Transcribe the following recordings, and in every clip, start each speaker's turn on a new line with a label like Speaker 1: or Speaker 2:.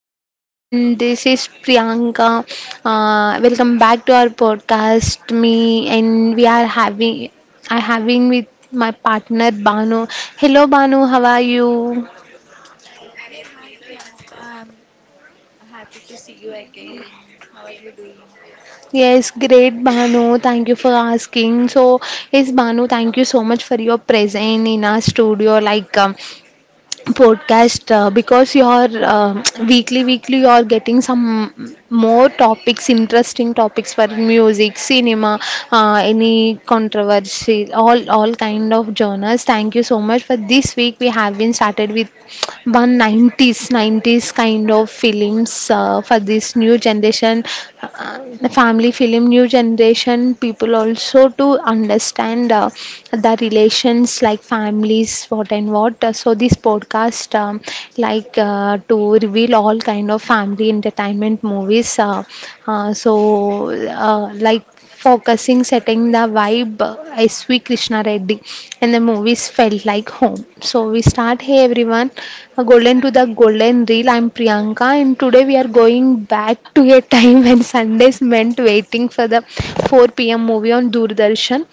Speaker 1: everyone, this is Priyanka. Welcome back to our podcast. Me and we are having, I having with my partner Banu. Hello Banu, how are you?
Speaker 2: Hi Priyanka. I'm happy to see you again. How are you doing?
Speaker 1: Yes, great Banu. Thank you for asking. So, yes Banu, thank you so much for your presence in our studio. Podcast, because you're weekly you're getting some more topics, interesting topics for music, cinema, any controversy, all kind of genres. Thank you so much. For this week we have been started with one 90s 90s kind of films, for this new generation, uh, family film, new generation people also to understand the relations like families what and what. So this podcast, like to reveal all kind of family entertainment movies, so like focusing, setting the vibe. SV Krishna Reddy and the movies felt like home. So we start. Hey everyone, golden to the golden reel. I'm Priyanka, and today we are going back to a time when Sundays meant waiting for the 4 p.m. movie on Doordarshan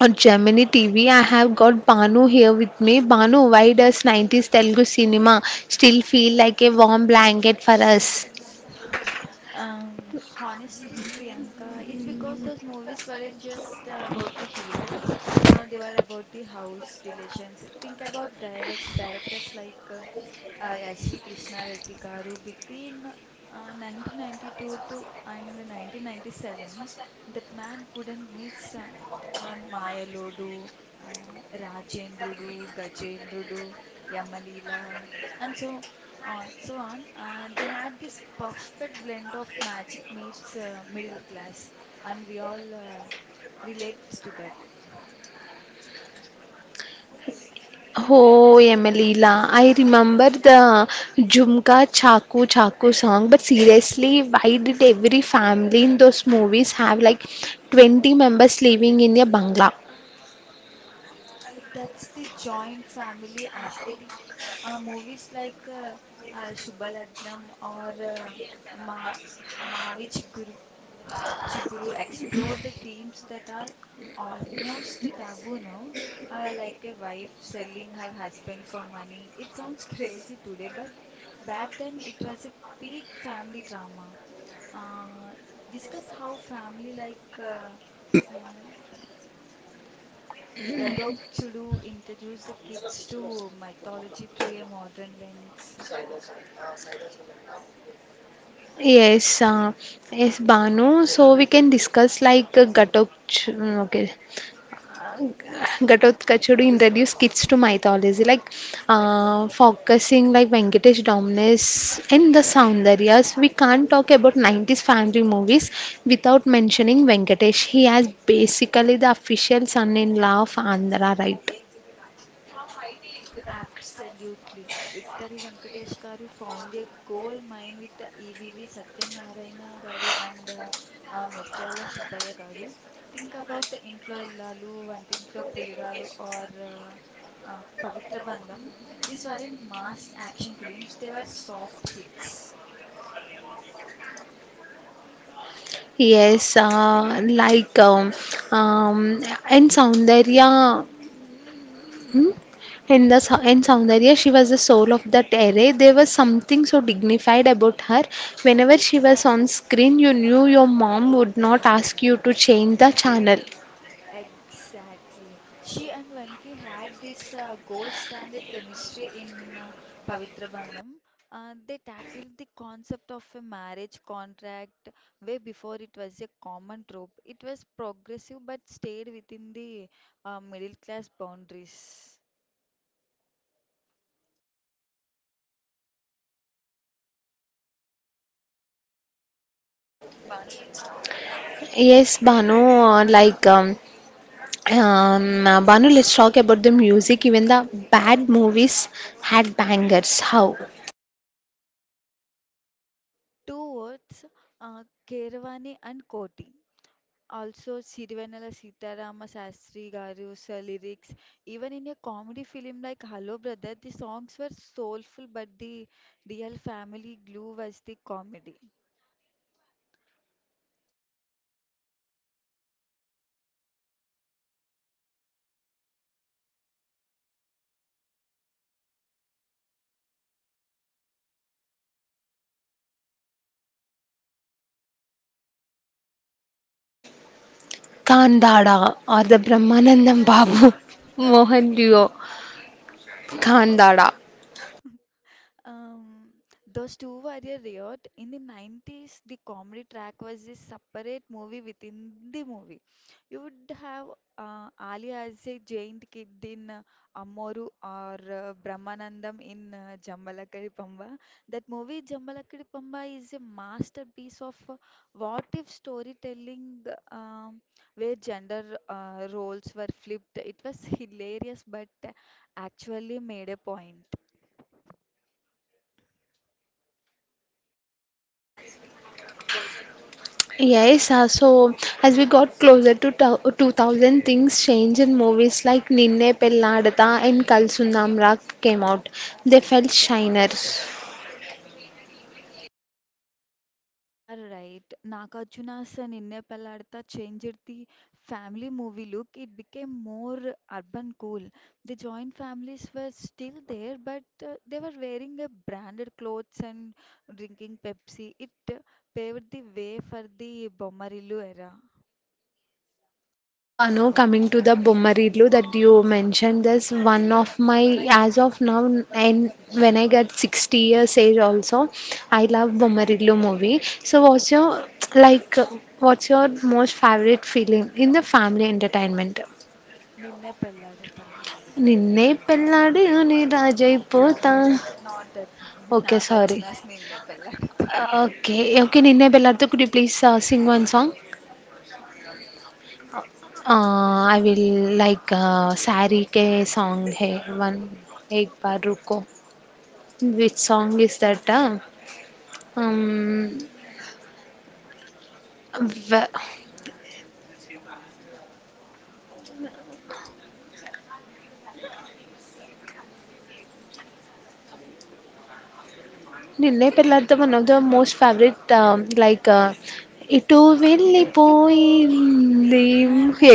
Speaker 1: or Gemini TV. I have got Banu here with me. Banu, why does 90s Telugu cinema still feel like a warm blanket for us?
Speaker 2: Um, honestly, Priyanka, it's because those movies weren't just about the hero, they were about the house relations. Think about directors like SV Krishna Reddy garu between 1992 to and 1997. That man couldn't miss Mayalodu, uh, Rajendrudu, Gajendrudu, Yamalila and so on so on. They had this perfect blend of magic meets middle class and we all relate to that.
Speaker 1: Oh, Emelila, I remember the Jhumka Chaku Chaku song, but seriously, why did every family in those movies have like 20 members living in a bangla?
Speaker 2: That's the joint family aesthetic. Movies like Subalagnam or Ma Mavi Chiguru, explored the themes that are almost taboo now, like a wife selling her husband for money. It sounds crazy today, but back then it was a peak family drama. Uh, Discuss how family like uh, Gadokchudoo introduced the kids to mythology through a modern lens.
Speaker 1: Yes, uh, yes, Banu, so we can discuss like Ghatok. Okay, Ghatotkachuru introduce kids to mythology, like focusing like Venkatesh Dominis and the Soundaryas. We can't talk about 90s family movies without mentioning Venkatesh. He has basically the official son-in-law of Andhra, right?
Speaker 2: Absolutely. Victory Venkatesh garu found a gold mine with the EVV Satyanarayana garu and Mutyala Subbaya garu. Think about ఇంట్లో ఇల్లాలు వంటింట్లో ప్రియురాలు or Pavitra Bandham. These weren't mass action films, they were soft hits.
Speaker 1: Yes, like um, and Soundarya. Hmm? In soundarya, she was the soul of that era. There was something so dignified about her. Whenever she was on screen, you knew your mom would not ask you to change the channel.
Speaker 2: Exactly. She and Venki had this gold standard chemistry in Pavitra Bandham. They tackled the concept of a marriage contract way before it was a common trope. It was progressive but stayed within the middle class boundaries.
Speaker 1: Yes, Banu, like Banu, let's talk about the music. Even the bad movies had bangers. How?
Speaker 2: Two words, uh, Keravani and Koti. Also, Sirivenala Sitarama Sastry Garu's lyrics, even in a comedy film like Hello Brother, the songs were soulful, but the real family glue was the comedy.
Speaker 1: Kandada or the Brahmanandam Babu Mohan Duo. Kandada.
Speaker 2: Um, those two were a riot. In the 90s, the comedy track was a separate movie within the movie. You would have Ali as a giant kid in Amoru or Brahmanandam in Jambalakari Pamba. That movie, Jambalakari Pamba, is a masterpiece of what if storytelling, um, where gender roles were flipped. It was hilarious, but actually made a point.
Speaker 1: Yes, so as we got closer to 2000, things changed in movies like Ninne Pelladata and Kal Sundamrak came out. They felt shiner.
Speaker 2: You are right. Nagarjuna's Ninne Pellaadta changed the family movie look. It became more urban cool. The joint families were still there, but they were wearing branded clothes and drinking Pepsi. It paved the way for the Bొమ్మరిల్లు era.
Speaker 1: Banu, coming to the Bommaridlu that you mentioned, this one of my, as of now, and when I get 60 years age also, I love Bommaridlu movie. So what's your, like, what's your most favorite film in the family entertainment?
Speaker 2: నిన్నే పెళ్ళాడతా
Speaker 1: నిన్నే పెళ్ళాడి నీ రాజైపోతా.
Speaker 2: Not that movie
Speaker 1: okay. Sorry.
Speaker 2: Nagarjuna's Ninne Pelladatha
Speaker 1: okay. Okay. 'Ninne Pelladatha' could you please sing one song? Ah, I will like 'sorry కే' song హై one ఏక్ బార్ రుకో. Which song is that? Hmm. వ 'Ninne Pelladatha' one of the most favourite like ఎటో
Speaker 2: వెళ్ళిపోయింది
Speaker 1: వెళ్ళిపోయింది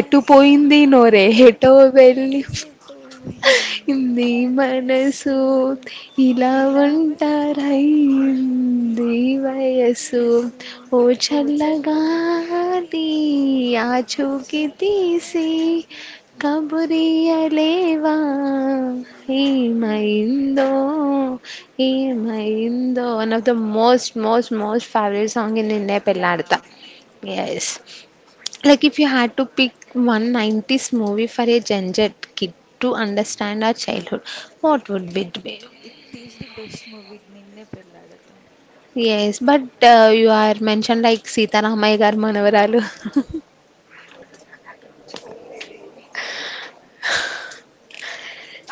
Speaker 1: ఎటు పోయింది నోరే
Speaker 2: ఎటో
Speaker 1: ఎటో వెళ్ళి
Speaker 2: వెళ్ళిపోయింది
Speaker 1: नहीं मन
Speaker 2: మనసు
Speaker 1: सोत ही
Speaker 2: ఇలా
Speaker 1: लावंटा रही
Speaker 2: ఒంటరయ్యింది
Speaker 1: नहीं वाये
Speaker 2: మనసు
Speaker 1: सोत
Speaker 2: ఓ
Speaker 1: ओछला
Speaker 2: చల్లగాలి
Speaker 1: गाँधी
Speaker 2: నా
Speaker 1: आज़ू की
Speaker 2: చోకి
Speaker 1: तीसी
Speaker 2: తెలిసి
Speaker 1: कबूतरी ले
Speaker 2: ఉండేవా
Speaker 1: वां ही
Speaker 2: నేను.
Speaker 1: माइंडो ही माइंडो one of the most most favourite song in India पे
Speaker 2: యా
Speaker 1: लाडा yes, like if you had to pick one 90s movie for a Gen Z kid to understand our childhood,
Speaker 2: it
Speaker 1: what would it be?
Speaker 2: It is the best movie Ninne Pelladatha
Speaker 1: Yes, but You are mentioned like Sita Ramaya Garu Manavaralu.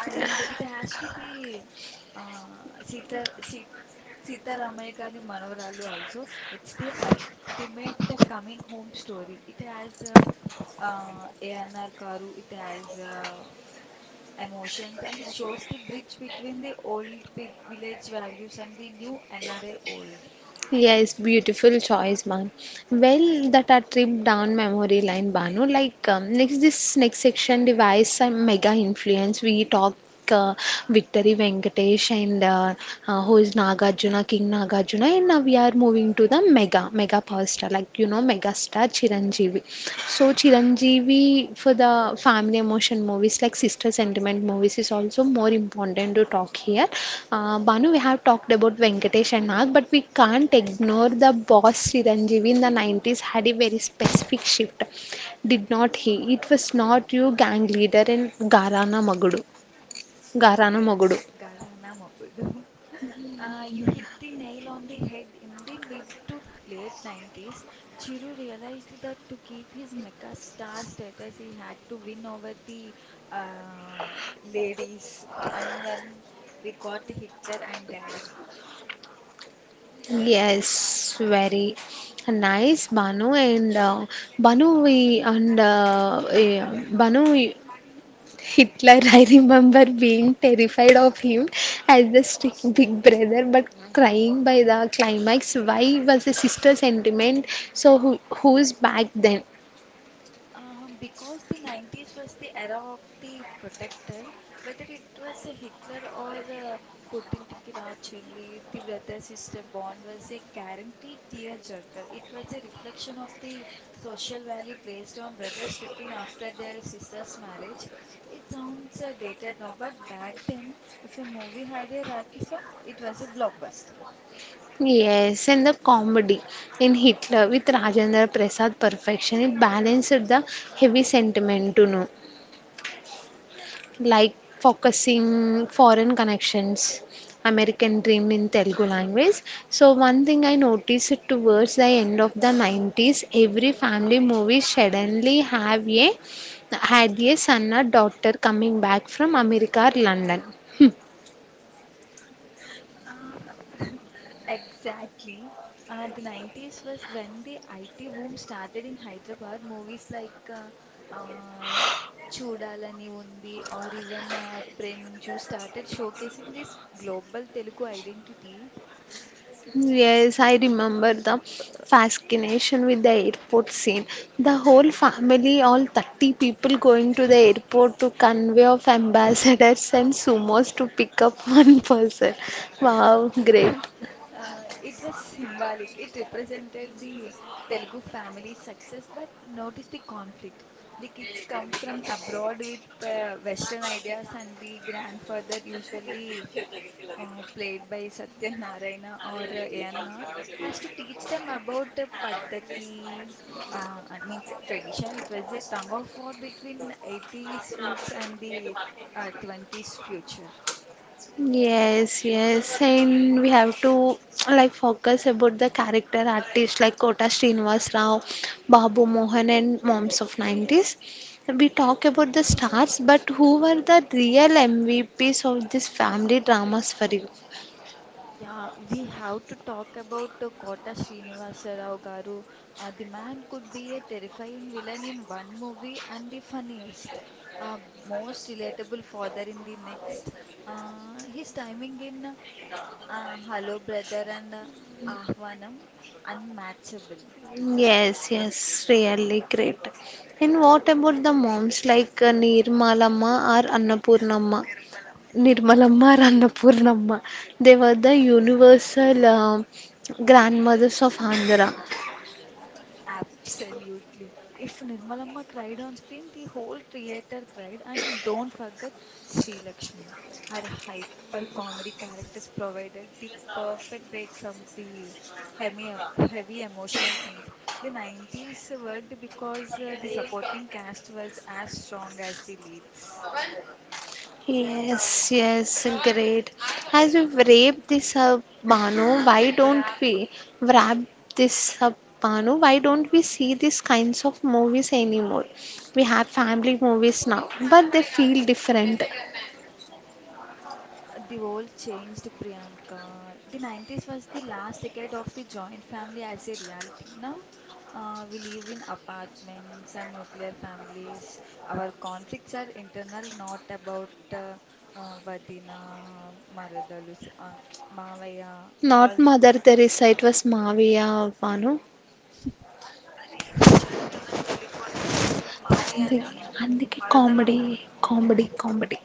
Speaker 2: And it has to be Sita Sitharamaiah గారి మనవరాలు also. It's the ultimate coming home story. It has ANR Karu, it has uh, emotions, and it shows the bridge between the old peop village values and the new NRI old.
Speaker 1: Yes, beautiful choice, Banu. Well, that a trip down memory line, Banu. Next, this next section device some mega influence. We talk uh, Victory Venkatesh and who is Nagarjuna, King Nagarjuna, and now we are moving to the mega mega power star, like you know, mega star Chiranjeevi. So Chiranjeevi for the family emotion movies like sister sentiment movies is also more important to talk here. Banu, we have talked about Venkatesh and Nag, but we can't ignore the boss Chiranjeevi in the 90s had a very specific shift. Did not he? It was not you gang leader in Garana Magudu. Garana Magudu.
Speaker 2: It's Garana Mogudu. You hit the nail on the head. In the mid to late 90s, Chiru realized that to keep his mega star status, he had to win over the uh, ladies. And when we got Hitler and Daddy.
Speaker 1: Yes, very nice, Banu and Banu. We and eh, Banu. Hitler, I remember being terrified of him as the strict big brother, but crying by the climax. Why was the sister sentiment so who, who's back then?
Speaker 2: Because the 90s was the era of the protector, whether it was Hitler or Putin Tikirachelli, the brother sister bond was a guaranteed tearjerker. It was a reflection of the social value placed on brothers looking after their sister's marriage. It sounds dated now, but back then, if a movie had a Rakhi song, it was a blockbuster.
Speaker 1: Yes, and the comedy in Hitler with Rajendra Prasad perfection. It balanced the heavy sentiment to know. Like focusing foreign connections, american dream in telugu language. So one thing I noticed towards the end of the 90s, every family movie suddenly have a had a son or daughter coming back from america or london.
Speaker 2: Uh, Exactly. The 90s was when the IT boom started in Hyderabad. Movies like uh, Choodalani Undi or even Preminchu started showcasing this global Telugu identity.
Speaker 1: Yes, I remember the fascination with the airport scene. The whole family, all 30 people going to the airport to convoy of ambassadors and sumos to pick up one person. Wow, great.
Speaker 2: It was symbolic. It represented the Telugu family's success, but notice the conflict. The kids come from abroad with Western ideas, and the grandfather usually played by Satya Narayana or ANR has to teach them about Paddhati, and means tradition. It was a tug of war between 80s roots and the 20s future.
Speaker 1: Yes, yes, and we have to like focus about the character artists like Kota Srinivas Rao, Babu Mohan, and moms of 90s. We talk about the stars, but who were the real MVPs of these family dramas for you?
Speaker 2: Yeah, we have to talk about Kota Srinivasa Rao Garu. The man could be a terrifying villain in one movie and the funniest, uh, most relatable father in the next. His timing in Hello, Brother, and Ahvanam, unmatchable.
Speaker 1: Yes, yes, really great. And what about the moms like Nirmalamma or Annapurnamma? Nirmalamma or Annapurnamma. They were the universal grandmothers of Andhra.
Speaker 2: Absolutely. If Nirmalamma cried on screen, the whole theater cried. And don't forget Sri Lakshmi. Her hyper comedy characters provided the perfect break from the heavy emotional scenes. The 90s worked because the supporting cast was as strong as the leads.
Speaker 1: Yes, yes, great. As we wrap this up, Banu, why don't we wrap this up, Banu? Why don't we see these kinds of movies anymore? We have family movies now, but they feel different.
Speaker 2: The world changed, Priyanka. The 90s was the last decade of the joint family as a reality. Now we live in apartments and nuclear families. Our conflicts are internal, not about Vadina, Maradalu, Mavaya,
Speaker 1: Not
Speaker 2: all.
Speaker 1: mother Teresa. It was Maaviya, or Banu. That's like comedy.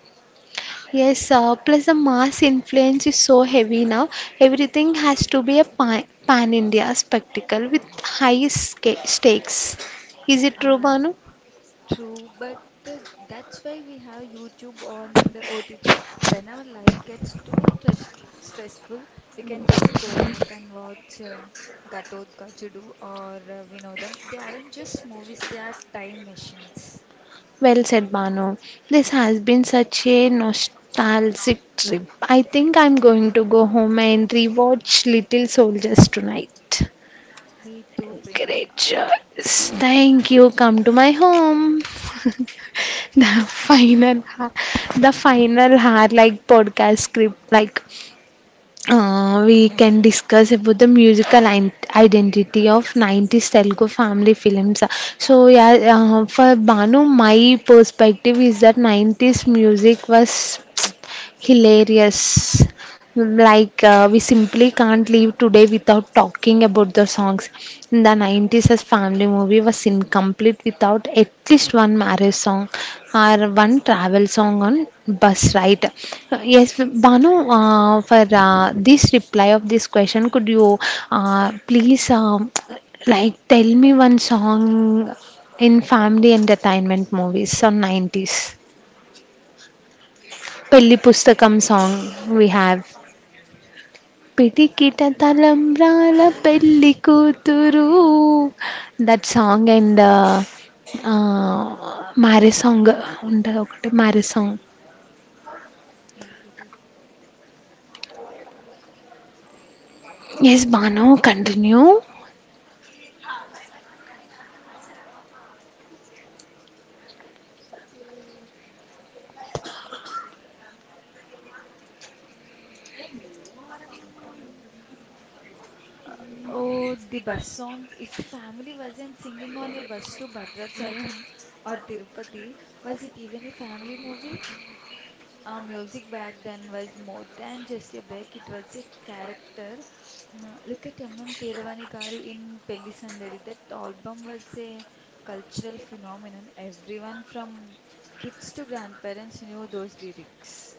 Speaker 1: Yes. Plus, the mass influence is so heavy now. Everything has to be a pan-India spectacle with high stakes. Is it true,
Speaker 2: Uh,
Speaker 1: Banu?
Speaker 2: True, but uh, that's why we have YouTube on the OTT. When our life gets too stressful, we can just go back and watch Gatot Gajudu or Vinodam. They aren't just movies, they are time machines.
Speaker 1: Well said, Banu. This has been such a nostalgic trip. I think I'm going to go home and rewatch Little Soldiers tonight.
Speaker 2: Me too,
Speaker 1: Great
Speaker 2: Priyanka.
Speaker 1: choice. Thank you. Come to my home. The final, the final hard like podcast script. We can discuss about the musical identity of 90s Telugu family films. So yeah, for Banu, my perspective is that 90s music was hilarious. We simply can't leave today without talking about the songs. In the 90s, as family movie was incomplete without at least one marriage song or one travel song on bus, right? Yes Banu, for this reply of this question could you please like tell me one song in family entertainment movies on 90s pelli pustakam song we have పిటికిట తలంబ్రాల
Speaker 2: అలా
Speaker 1: పెళ్లి కూతురు that song and marriage song ఉంటుంది ఒకటి marriage song
Speaker 2: నాకు తెలియదు
Speaker 1: yes Bhanu
Speaker 2: hmm.
Speaker 1: Continue
Speaker 2: అయితే. Oh, the bus songs. If the family wasn't singing on your bus to Bhadrachalam or Tirupati, was it even a family movie? Music back then was more than just a break, it was a character. Look at M.M. Keeravani Garu in Pelli Sandadi. That album was a cultural phenomenon. Everyone from kids to grandparents knew those lyrics.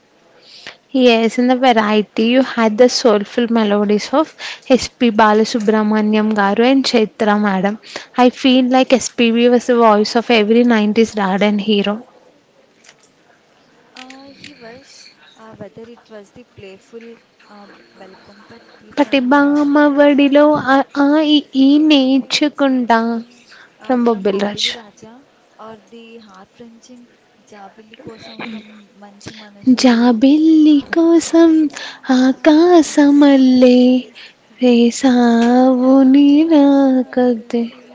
Speaker 1: Yes in the variety you had the soulful melodies of SP Balasubrahmanyam garu and Chaitra madam I feel like SPB was the voice of every nineties dad and hero
Speaker 2: He was, whether it was the playful Velapampatti
Speaker 1: పటి
Speaker 2: from
Speaker 1: బామవడిలో
Speaker 2: well,
Speaker 1: ఆ ఈ
Speaker 2: ఏది
Speaker 1: నేర్చుకుంటా
Speaker 2: నేర్చుకుంటా? Ah,
Speaker 1: from
Speaker 2: 'from
Speaker 1: Bobbili Raj
Speaker 2: Bobbili Raja' or the heart wrenching 'Jabilli Kosam' from 'మంచి మనసులు'.
Speaker 1: జాబిల్లి కోసం
Speaker 2: నీకోసం
Speaker 1: ఆకాశమల్లె
Speaker 2: ఆకాశమల్లె
Speaker 1: వేసావు
Speaker 2: వేచాను నీ
Speaker 1: నీరాకద్దె
Speaker 2: రాకకై.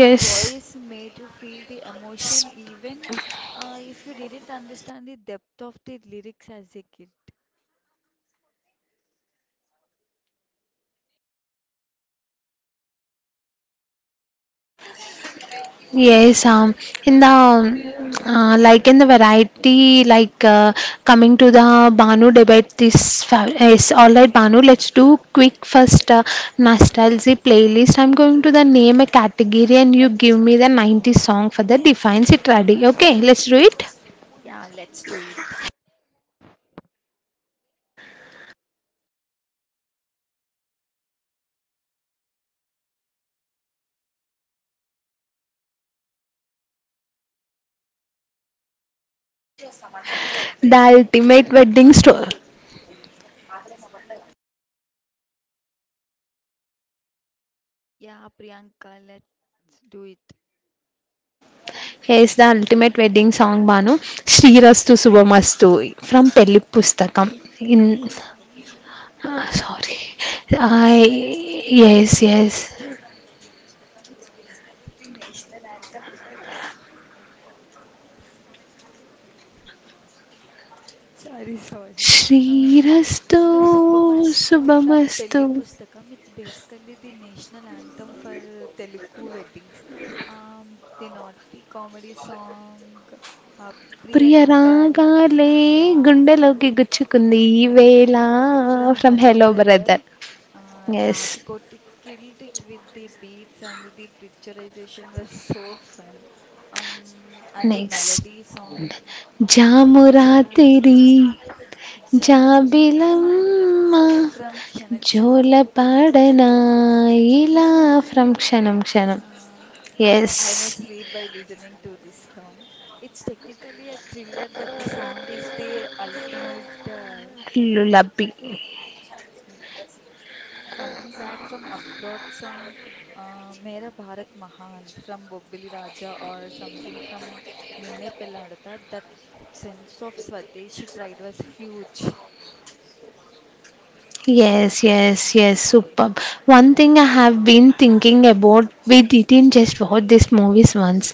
Speaker 2: His voice made you feel the
Speaker 1: S-
Speaker 2: emotion even ah, if you didn't understand the depth of the lyrics as a kid.
Speaker 1: Yes, in the like in the variety, like coming to the Banu debate, this is all right. Banu, let's do quick first nostalgia playlist. I'm going to the name a category, and you give me the 90 song for the defines it ready. Okay, let's do it.
Speaker 2: Yeah! Let's do it.
Speaker 1: The Ultimate Wedding Story.
Speaker 2: Yeah! Priyanka let's do it.
Speaker 1: Yes, the Ultimate Wedding Song Banu. Srirastu Subhamastu from Pelli Pustakam. In ah, sorry, I Yes yes.
Speaker 2: Sorry
Speaker 1: Srirastu
Speaker 2: స్తు Subhamastu from
Speaker 1: Subhamastu
Speaker 2: Pelli Pustakam it's basically the national anthem for Telugu weddings the naughty comedy song Priya
Speaker 1: Priya
Speaker 2: రాగాల్
Speaker 1: రాగాలే
Speaker 2: yeah
Speaker 1: గుండెలోకి గుచ్చుకుంది ఈ
Speaker 2: ఉన్నాయి
Speaker 1: వేళ
Speaker 2: well from
Speaker 1: from
Speaker 2: hello
Speaker 1: hello
Speaker 2: brother
Speaker 1: brother yes
Speaker 2: Rajkoti killed it with the beats and the picturisation was so fun and the
Speaker 1: next
Speaker 2: melody song
Speaker 1: జాము
Speaker 2: జాము
Speaker 1: రాత్రి
Speaker 2: రాత్రి Jabilam
Speaker 1: జాబిలమ్మ
Speaker 2: from Kshanakshanam.
Speaker 1: జోలపాడనా
Speaker 2: Yeah.
Speaker 1: ఇలా
Speaker 2: Ila.
Speaker 1: From Kshanam Kshanam
Speaker 2: Uh, I
Speaker 1: yes
Speaker 2: I may sleep by listening to this song. It's technically a thriller, but the song is the ultimate
Speaker 1: lullaby
Speaker 2: mm, coming back from abroad song, Mera Bharat Mahan from Bobbili Raja or something from Ninne Pelladata. That sense of Swadeshi pride was huge.
Speaker 1: yes yes yes superb. One thing I have been thinking about, we didn't just watch these movies once,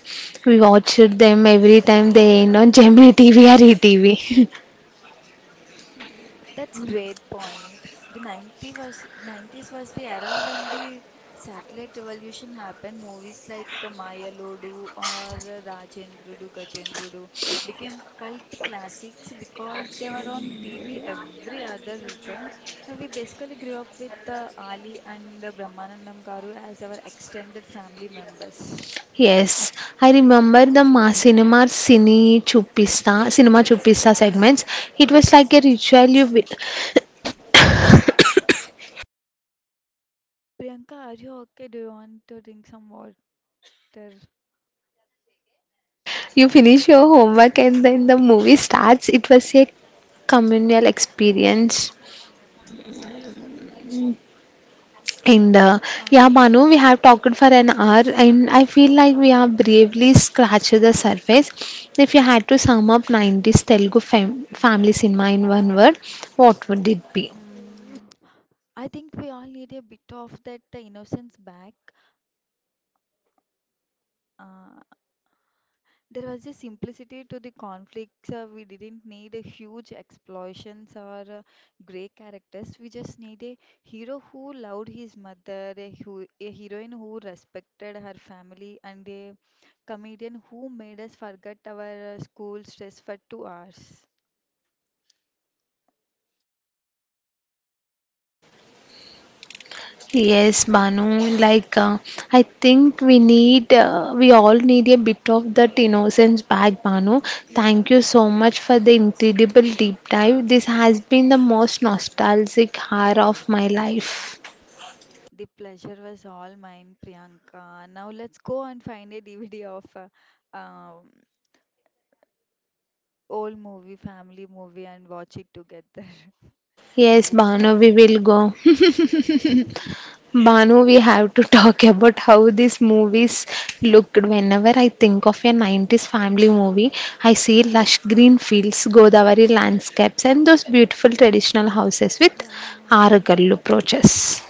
Speaker 1: we watched them every time they aired on gemini tv or etv.
Speaker 2: That's great point. The 90s was the era when the satellite revolution happened. Movies like Maya Lodu or Rajendrudu, Gajendrudu became cult classics because they were on TV every other weekend. We basically grew up with Ali and Brahmanandam Garu as our extended family members.
Speaker 1: Yes, I remember the Ma Cinema Cine Chupista, Cinema Chupista segments. It was like a ritual.
Speaker 2: Priyanka, are you okay? Do you want to drink some water?
Speaker 1: You finish your homework and then the movie starts. It was a communal experience. And yeah, Banu,
Speaker 2: Uh,
Speaker 1: we have talked for an hour, and I feel like we have bravely scratched the surface. If you had to sum up 90s Telugu family cinema in one word, what would it be?
Speaker 2: um, I think we all need a bit of that innocence back. Uh, there was a simplicity to the conflicts. We didn't need a huge explosions or great characters. We just need a hero who loved his mother, a, a heroine who respected her family, and a comedian who made us forget our school stress for 2 hours.
Speaker 1: Yes, Banu, like I think we all need a bit of that innocence back, Banu. Thank you
Speaker 2: Yeah,
Speaker 1: so much for the incredible deep dive. This has been the most nostalgic hour of my life.
Speaker 2: the pleasure was all mine, Priyanka. Now let's go and find a DVD of old movie, family movie, and watch it together.
Speaker 1: Yes, Banu, we will
Speaker 2: Navu.
Speaker 1: go. Banu, we have to talk about how these movies looked. Whenever I think of a 90s family movie, I see lush green fields, Godavari landscapes, and those beautiful traditional houses with
Speaker 2: Yeah,
Speaker 1: Aragallu porches.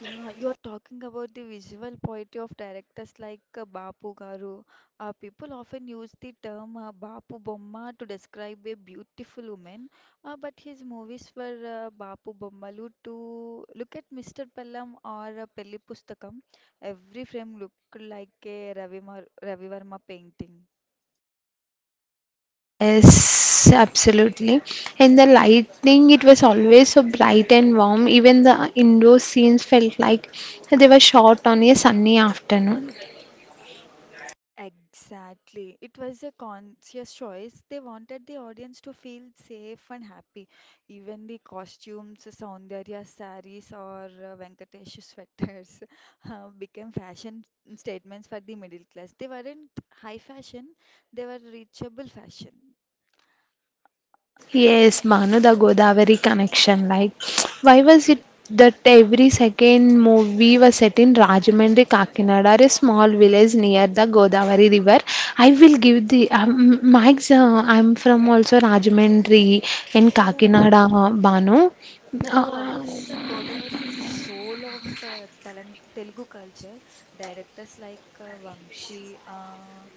Speaker 2: yeah, you're talking about the visual poetry of directors like Bapu Garu. People often use the term Bapu Bomma to describe a beautiful woman, but his movies were Bapu Bommalu to look at. Mr. Pellam or Pelli Pustakam. Every frame looked like a Ravi Verma painting.
Speaker 1: Yes, absolutely. And the lighting, it was always so bright and warm. Even the indoor scenes felt like they were shot on a sunny afternoon.
Speaker 2: Exactly. It was a conscious choice. They wanted the audience to feel safe and happy. Even the costumes, saundarya saris or Venkatesh sweaters, became fashion statements for the middle class. They weren't high fashion, they were reachable fashion.
Speaker 1: Yes, Manu, the Godavari connection. Like, why was it that every second movie was set in Rajahmundry, Kakinada, a small village near the Godavari River? I will give the Mike's. I'm from also Rajahmundry and
Speaker 2: Oh,
Speaker 1: Kakinada, Banu. Uh,
Speaker 2: because Godavari is the soul of Telang Telugu culture, directors like Vamshi,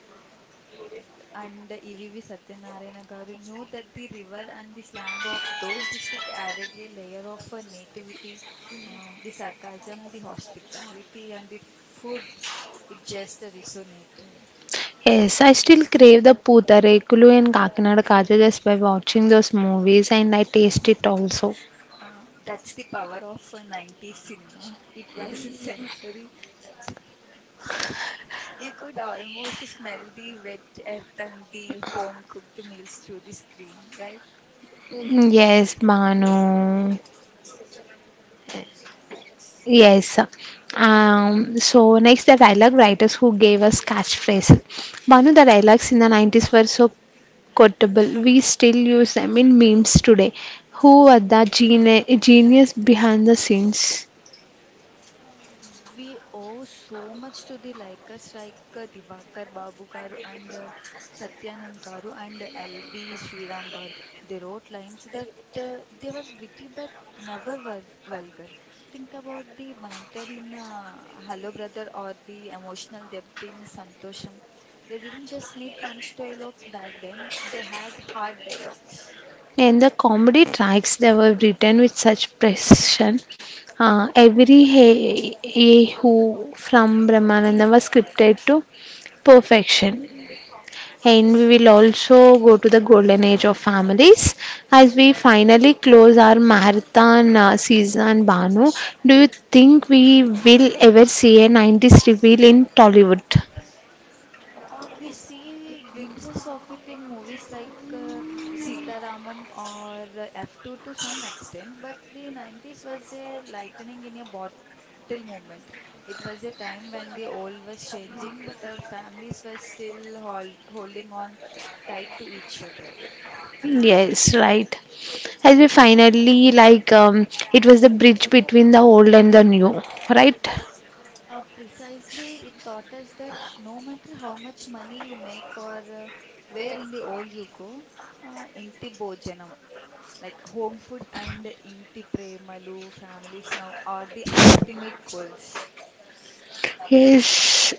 Speaker 2: and EVV Satyanarayana Garu knew that the river and the slang of those districts added a layer of nativity, the sarcasm, the hospitality, and the food. It just resonated.
Speaker 1: Yes, I still crave the Putarekulu and Kakinada Kaja just by watching those movies, and I taste it also.
Speaker 2: That's the power of 90s cinema. It was a sensory. You could almost smell the wet earth and the home cooked meals through the screen, right?
Speaker 1: Yes, Manu. Yes. So next, the dialogue writers who gave us catchphrases. One of the dialogues in the 90s were so quotable. We still use them in memes today. Who were the genius behind the scenes?
Speaker 2: Uh, we owe so much to the likers like Divakar Babu garu and Satyanand garu and LB Sriram garu. They wrote lines that they were witty but never vulgar. Think about the banter in Hello Brother or the emotional depth in Santosham. They didn't just need punch dialogues back then; they had hard dialogues.
Speaker 1: And the comedy tracks that were written with such precision. Every hey, hey who from Brahmananda was scripted to perfection. And we will also go to the golden age of families as we finally close our marathon season. Banu, do you think we will ever see a 90s reveal in Tollywood?
Speaker 2: We see glimpses of it in movies like Sitaramam or F2 to some extent, but the 90s was a lightning in a bottle moment. It was a time when the old was changing, but our families were still holding on tight to each other.
Speaker 1: Yes, right. As we finally like, it was the bridge between the old and the new, right?
Speaker 2: Precisely, it taught us that no matter how much money you make or where in the old you go, inti like home food and inti premalu families now are the ultimate goals.
Speaker 1: Yes,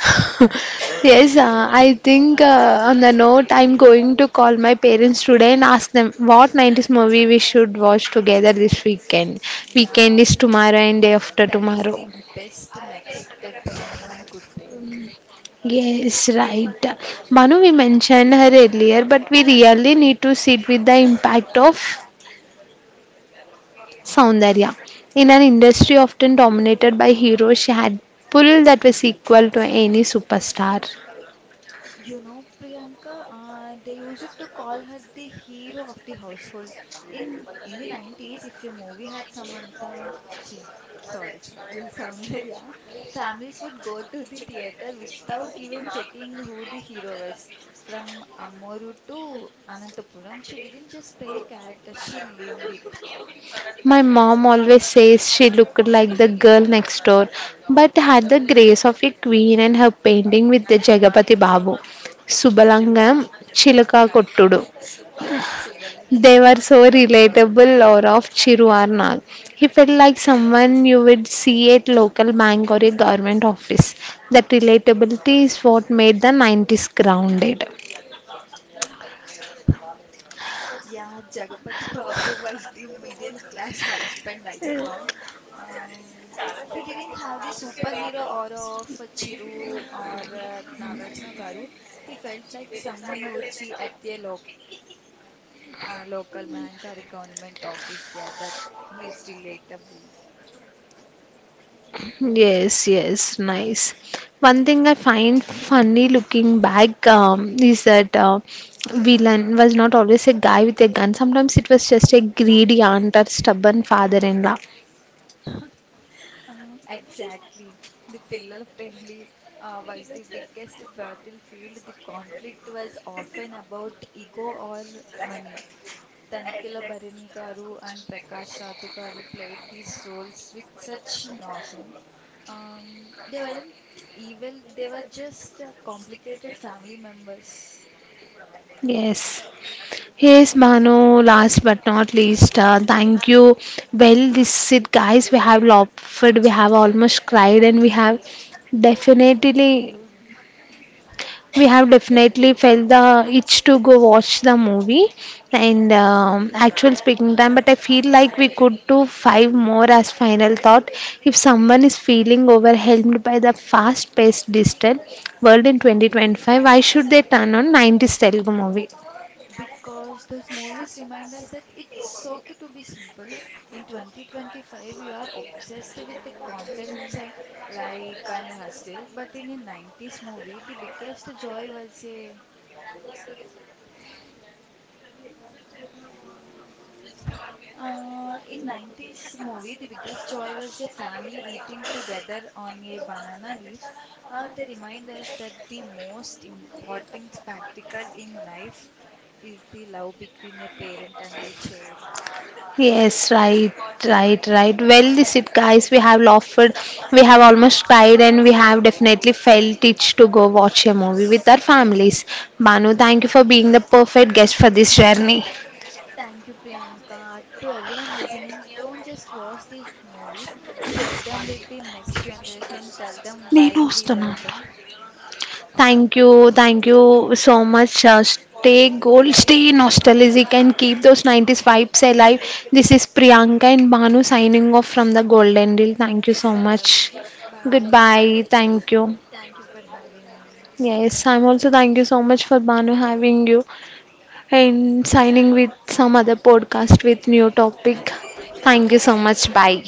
Speaker 1: yes, I think on the note, I'm going to call my parents today and ask them what 90s movie we should watch together this weekend. Weekend
Speaker 2: Yeah,
Speaker 1: is tomorrow and day after
Speaker 2: that is
Speaker 1: tomorrow.
Speaker 2: the best next step anyone could take.
Speaker 1: Yes, right. Manu, we mentioned her earlier, but we really need to sit with the impact of Soundarya. In an industry often dominated by heroes, she had pull that was equal to any superstar.
Speaker 2: You know, Priyanka, they used to call her the hero of the household. In the 90s, if your movie had Samantha, chi, sorry, Soundarya, families would go to the theater without even checking who the hero was. From Ammoru to Anantapuram, she didn't just play a character, she lived it.
Speaker 1: My mom always says she looked like the girl next door, but had the grace of a queen and her painting with the Jagapati Babu, Subalangam, Chilaka Kottudu. They were
Speaker 2: Subalagnam.
Speaker 1: so relatable or of Chiruarnag. He felt like someone you would see at local bank or a government office. That relatability is what made the 90s grounded.
Speaker 2: Yeah, Jagapati Babu was the middle class husband icon. Um, he didn't have the superhero aura of Chiru or Nagarjuna Garu. He felt like someone you would see at a lo local bank or a government office there, that he is relatable.
Speaker 1: Yes, yes, nice. One thing I find funny looking back is that villain was not always a guy with a gun. Sometimes it was just a greedy aunt or stubborn father-in-law.
Speaker 2: Exactly. The Pillalapalli was the biggest battlefield. The conflict was often about ego or money. Tanikila Bharini garu and Prakash Raju garu played these roles with such nuance. They weren't evil, they were just complicated family members.
Speaker 1: Yes. Yes, Manu, last but not least, thank you. Well, this it, guys. We have laughed, we have almost cried, and definitely we have definitely felt the itch to go watch the movie and actual speaking time, but I feel like we could do five more. As final thought, if someone is feeling overwhelmed by the fast paced digital world in 2025, why should they turn on 90s telugu movie?
Speaker 2: Because those movies remind us that it's okay to be simple. In 2025, we are obsessed with the content like and hostile, but in a 90s movie, the biggest joy was a in 90s movie, the biggest joy was a family eating together on a banana leaf. They remind us that the most important practical in life is the love between a parent and a child.
Speaker 1: Yes, right. Well, this it, guys. We have laughed, we have almost cried, and we have definitely felt itch to go watch a movie with our families. Banu, thank you for being the perfect guest for this journey.
Speaker 2: Thank you, Priyanka. To everyone listening, don't just watch these movies, share them with the next generation, tell them
Speaker 1: నేను
Speaker 2: why we
Speaker 1: వస్తున్నాను
Speaker 2: love them. Okay,
Speaker 1: Thank you, thank you so much. Stay gold stay nostalgic and keep those nineties vibes alive this is Priyanka and Bhanu signing off from the golden deal thank you so much
Speaker 2: Salavu,
Speaker 1: good
Speaker 2: goodbye.
Speaker 1: Bye thank
Speaker 2: Thank you for having me.
Speaker 1: Yes, I'm also thank you so much for Banu having you and signing with some other podcast with new topic. Thank you so much. Bye.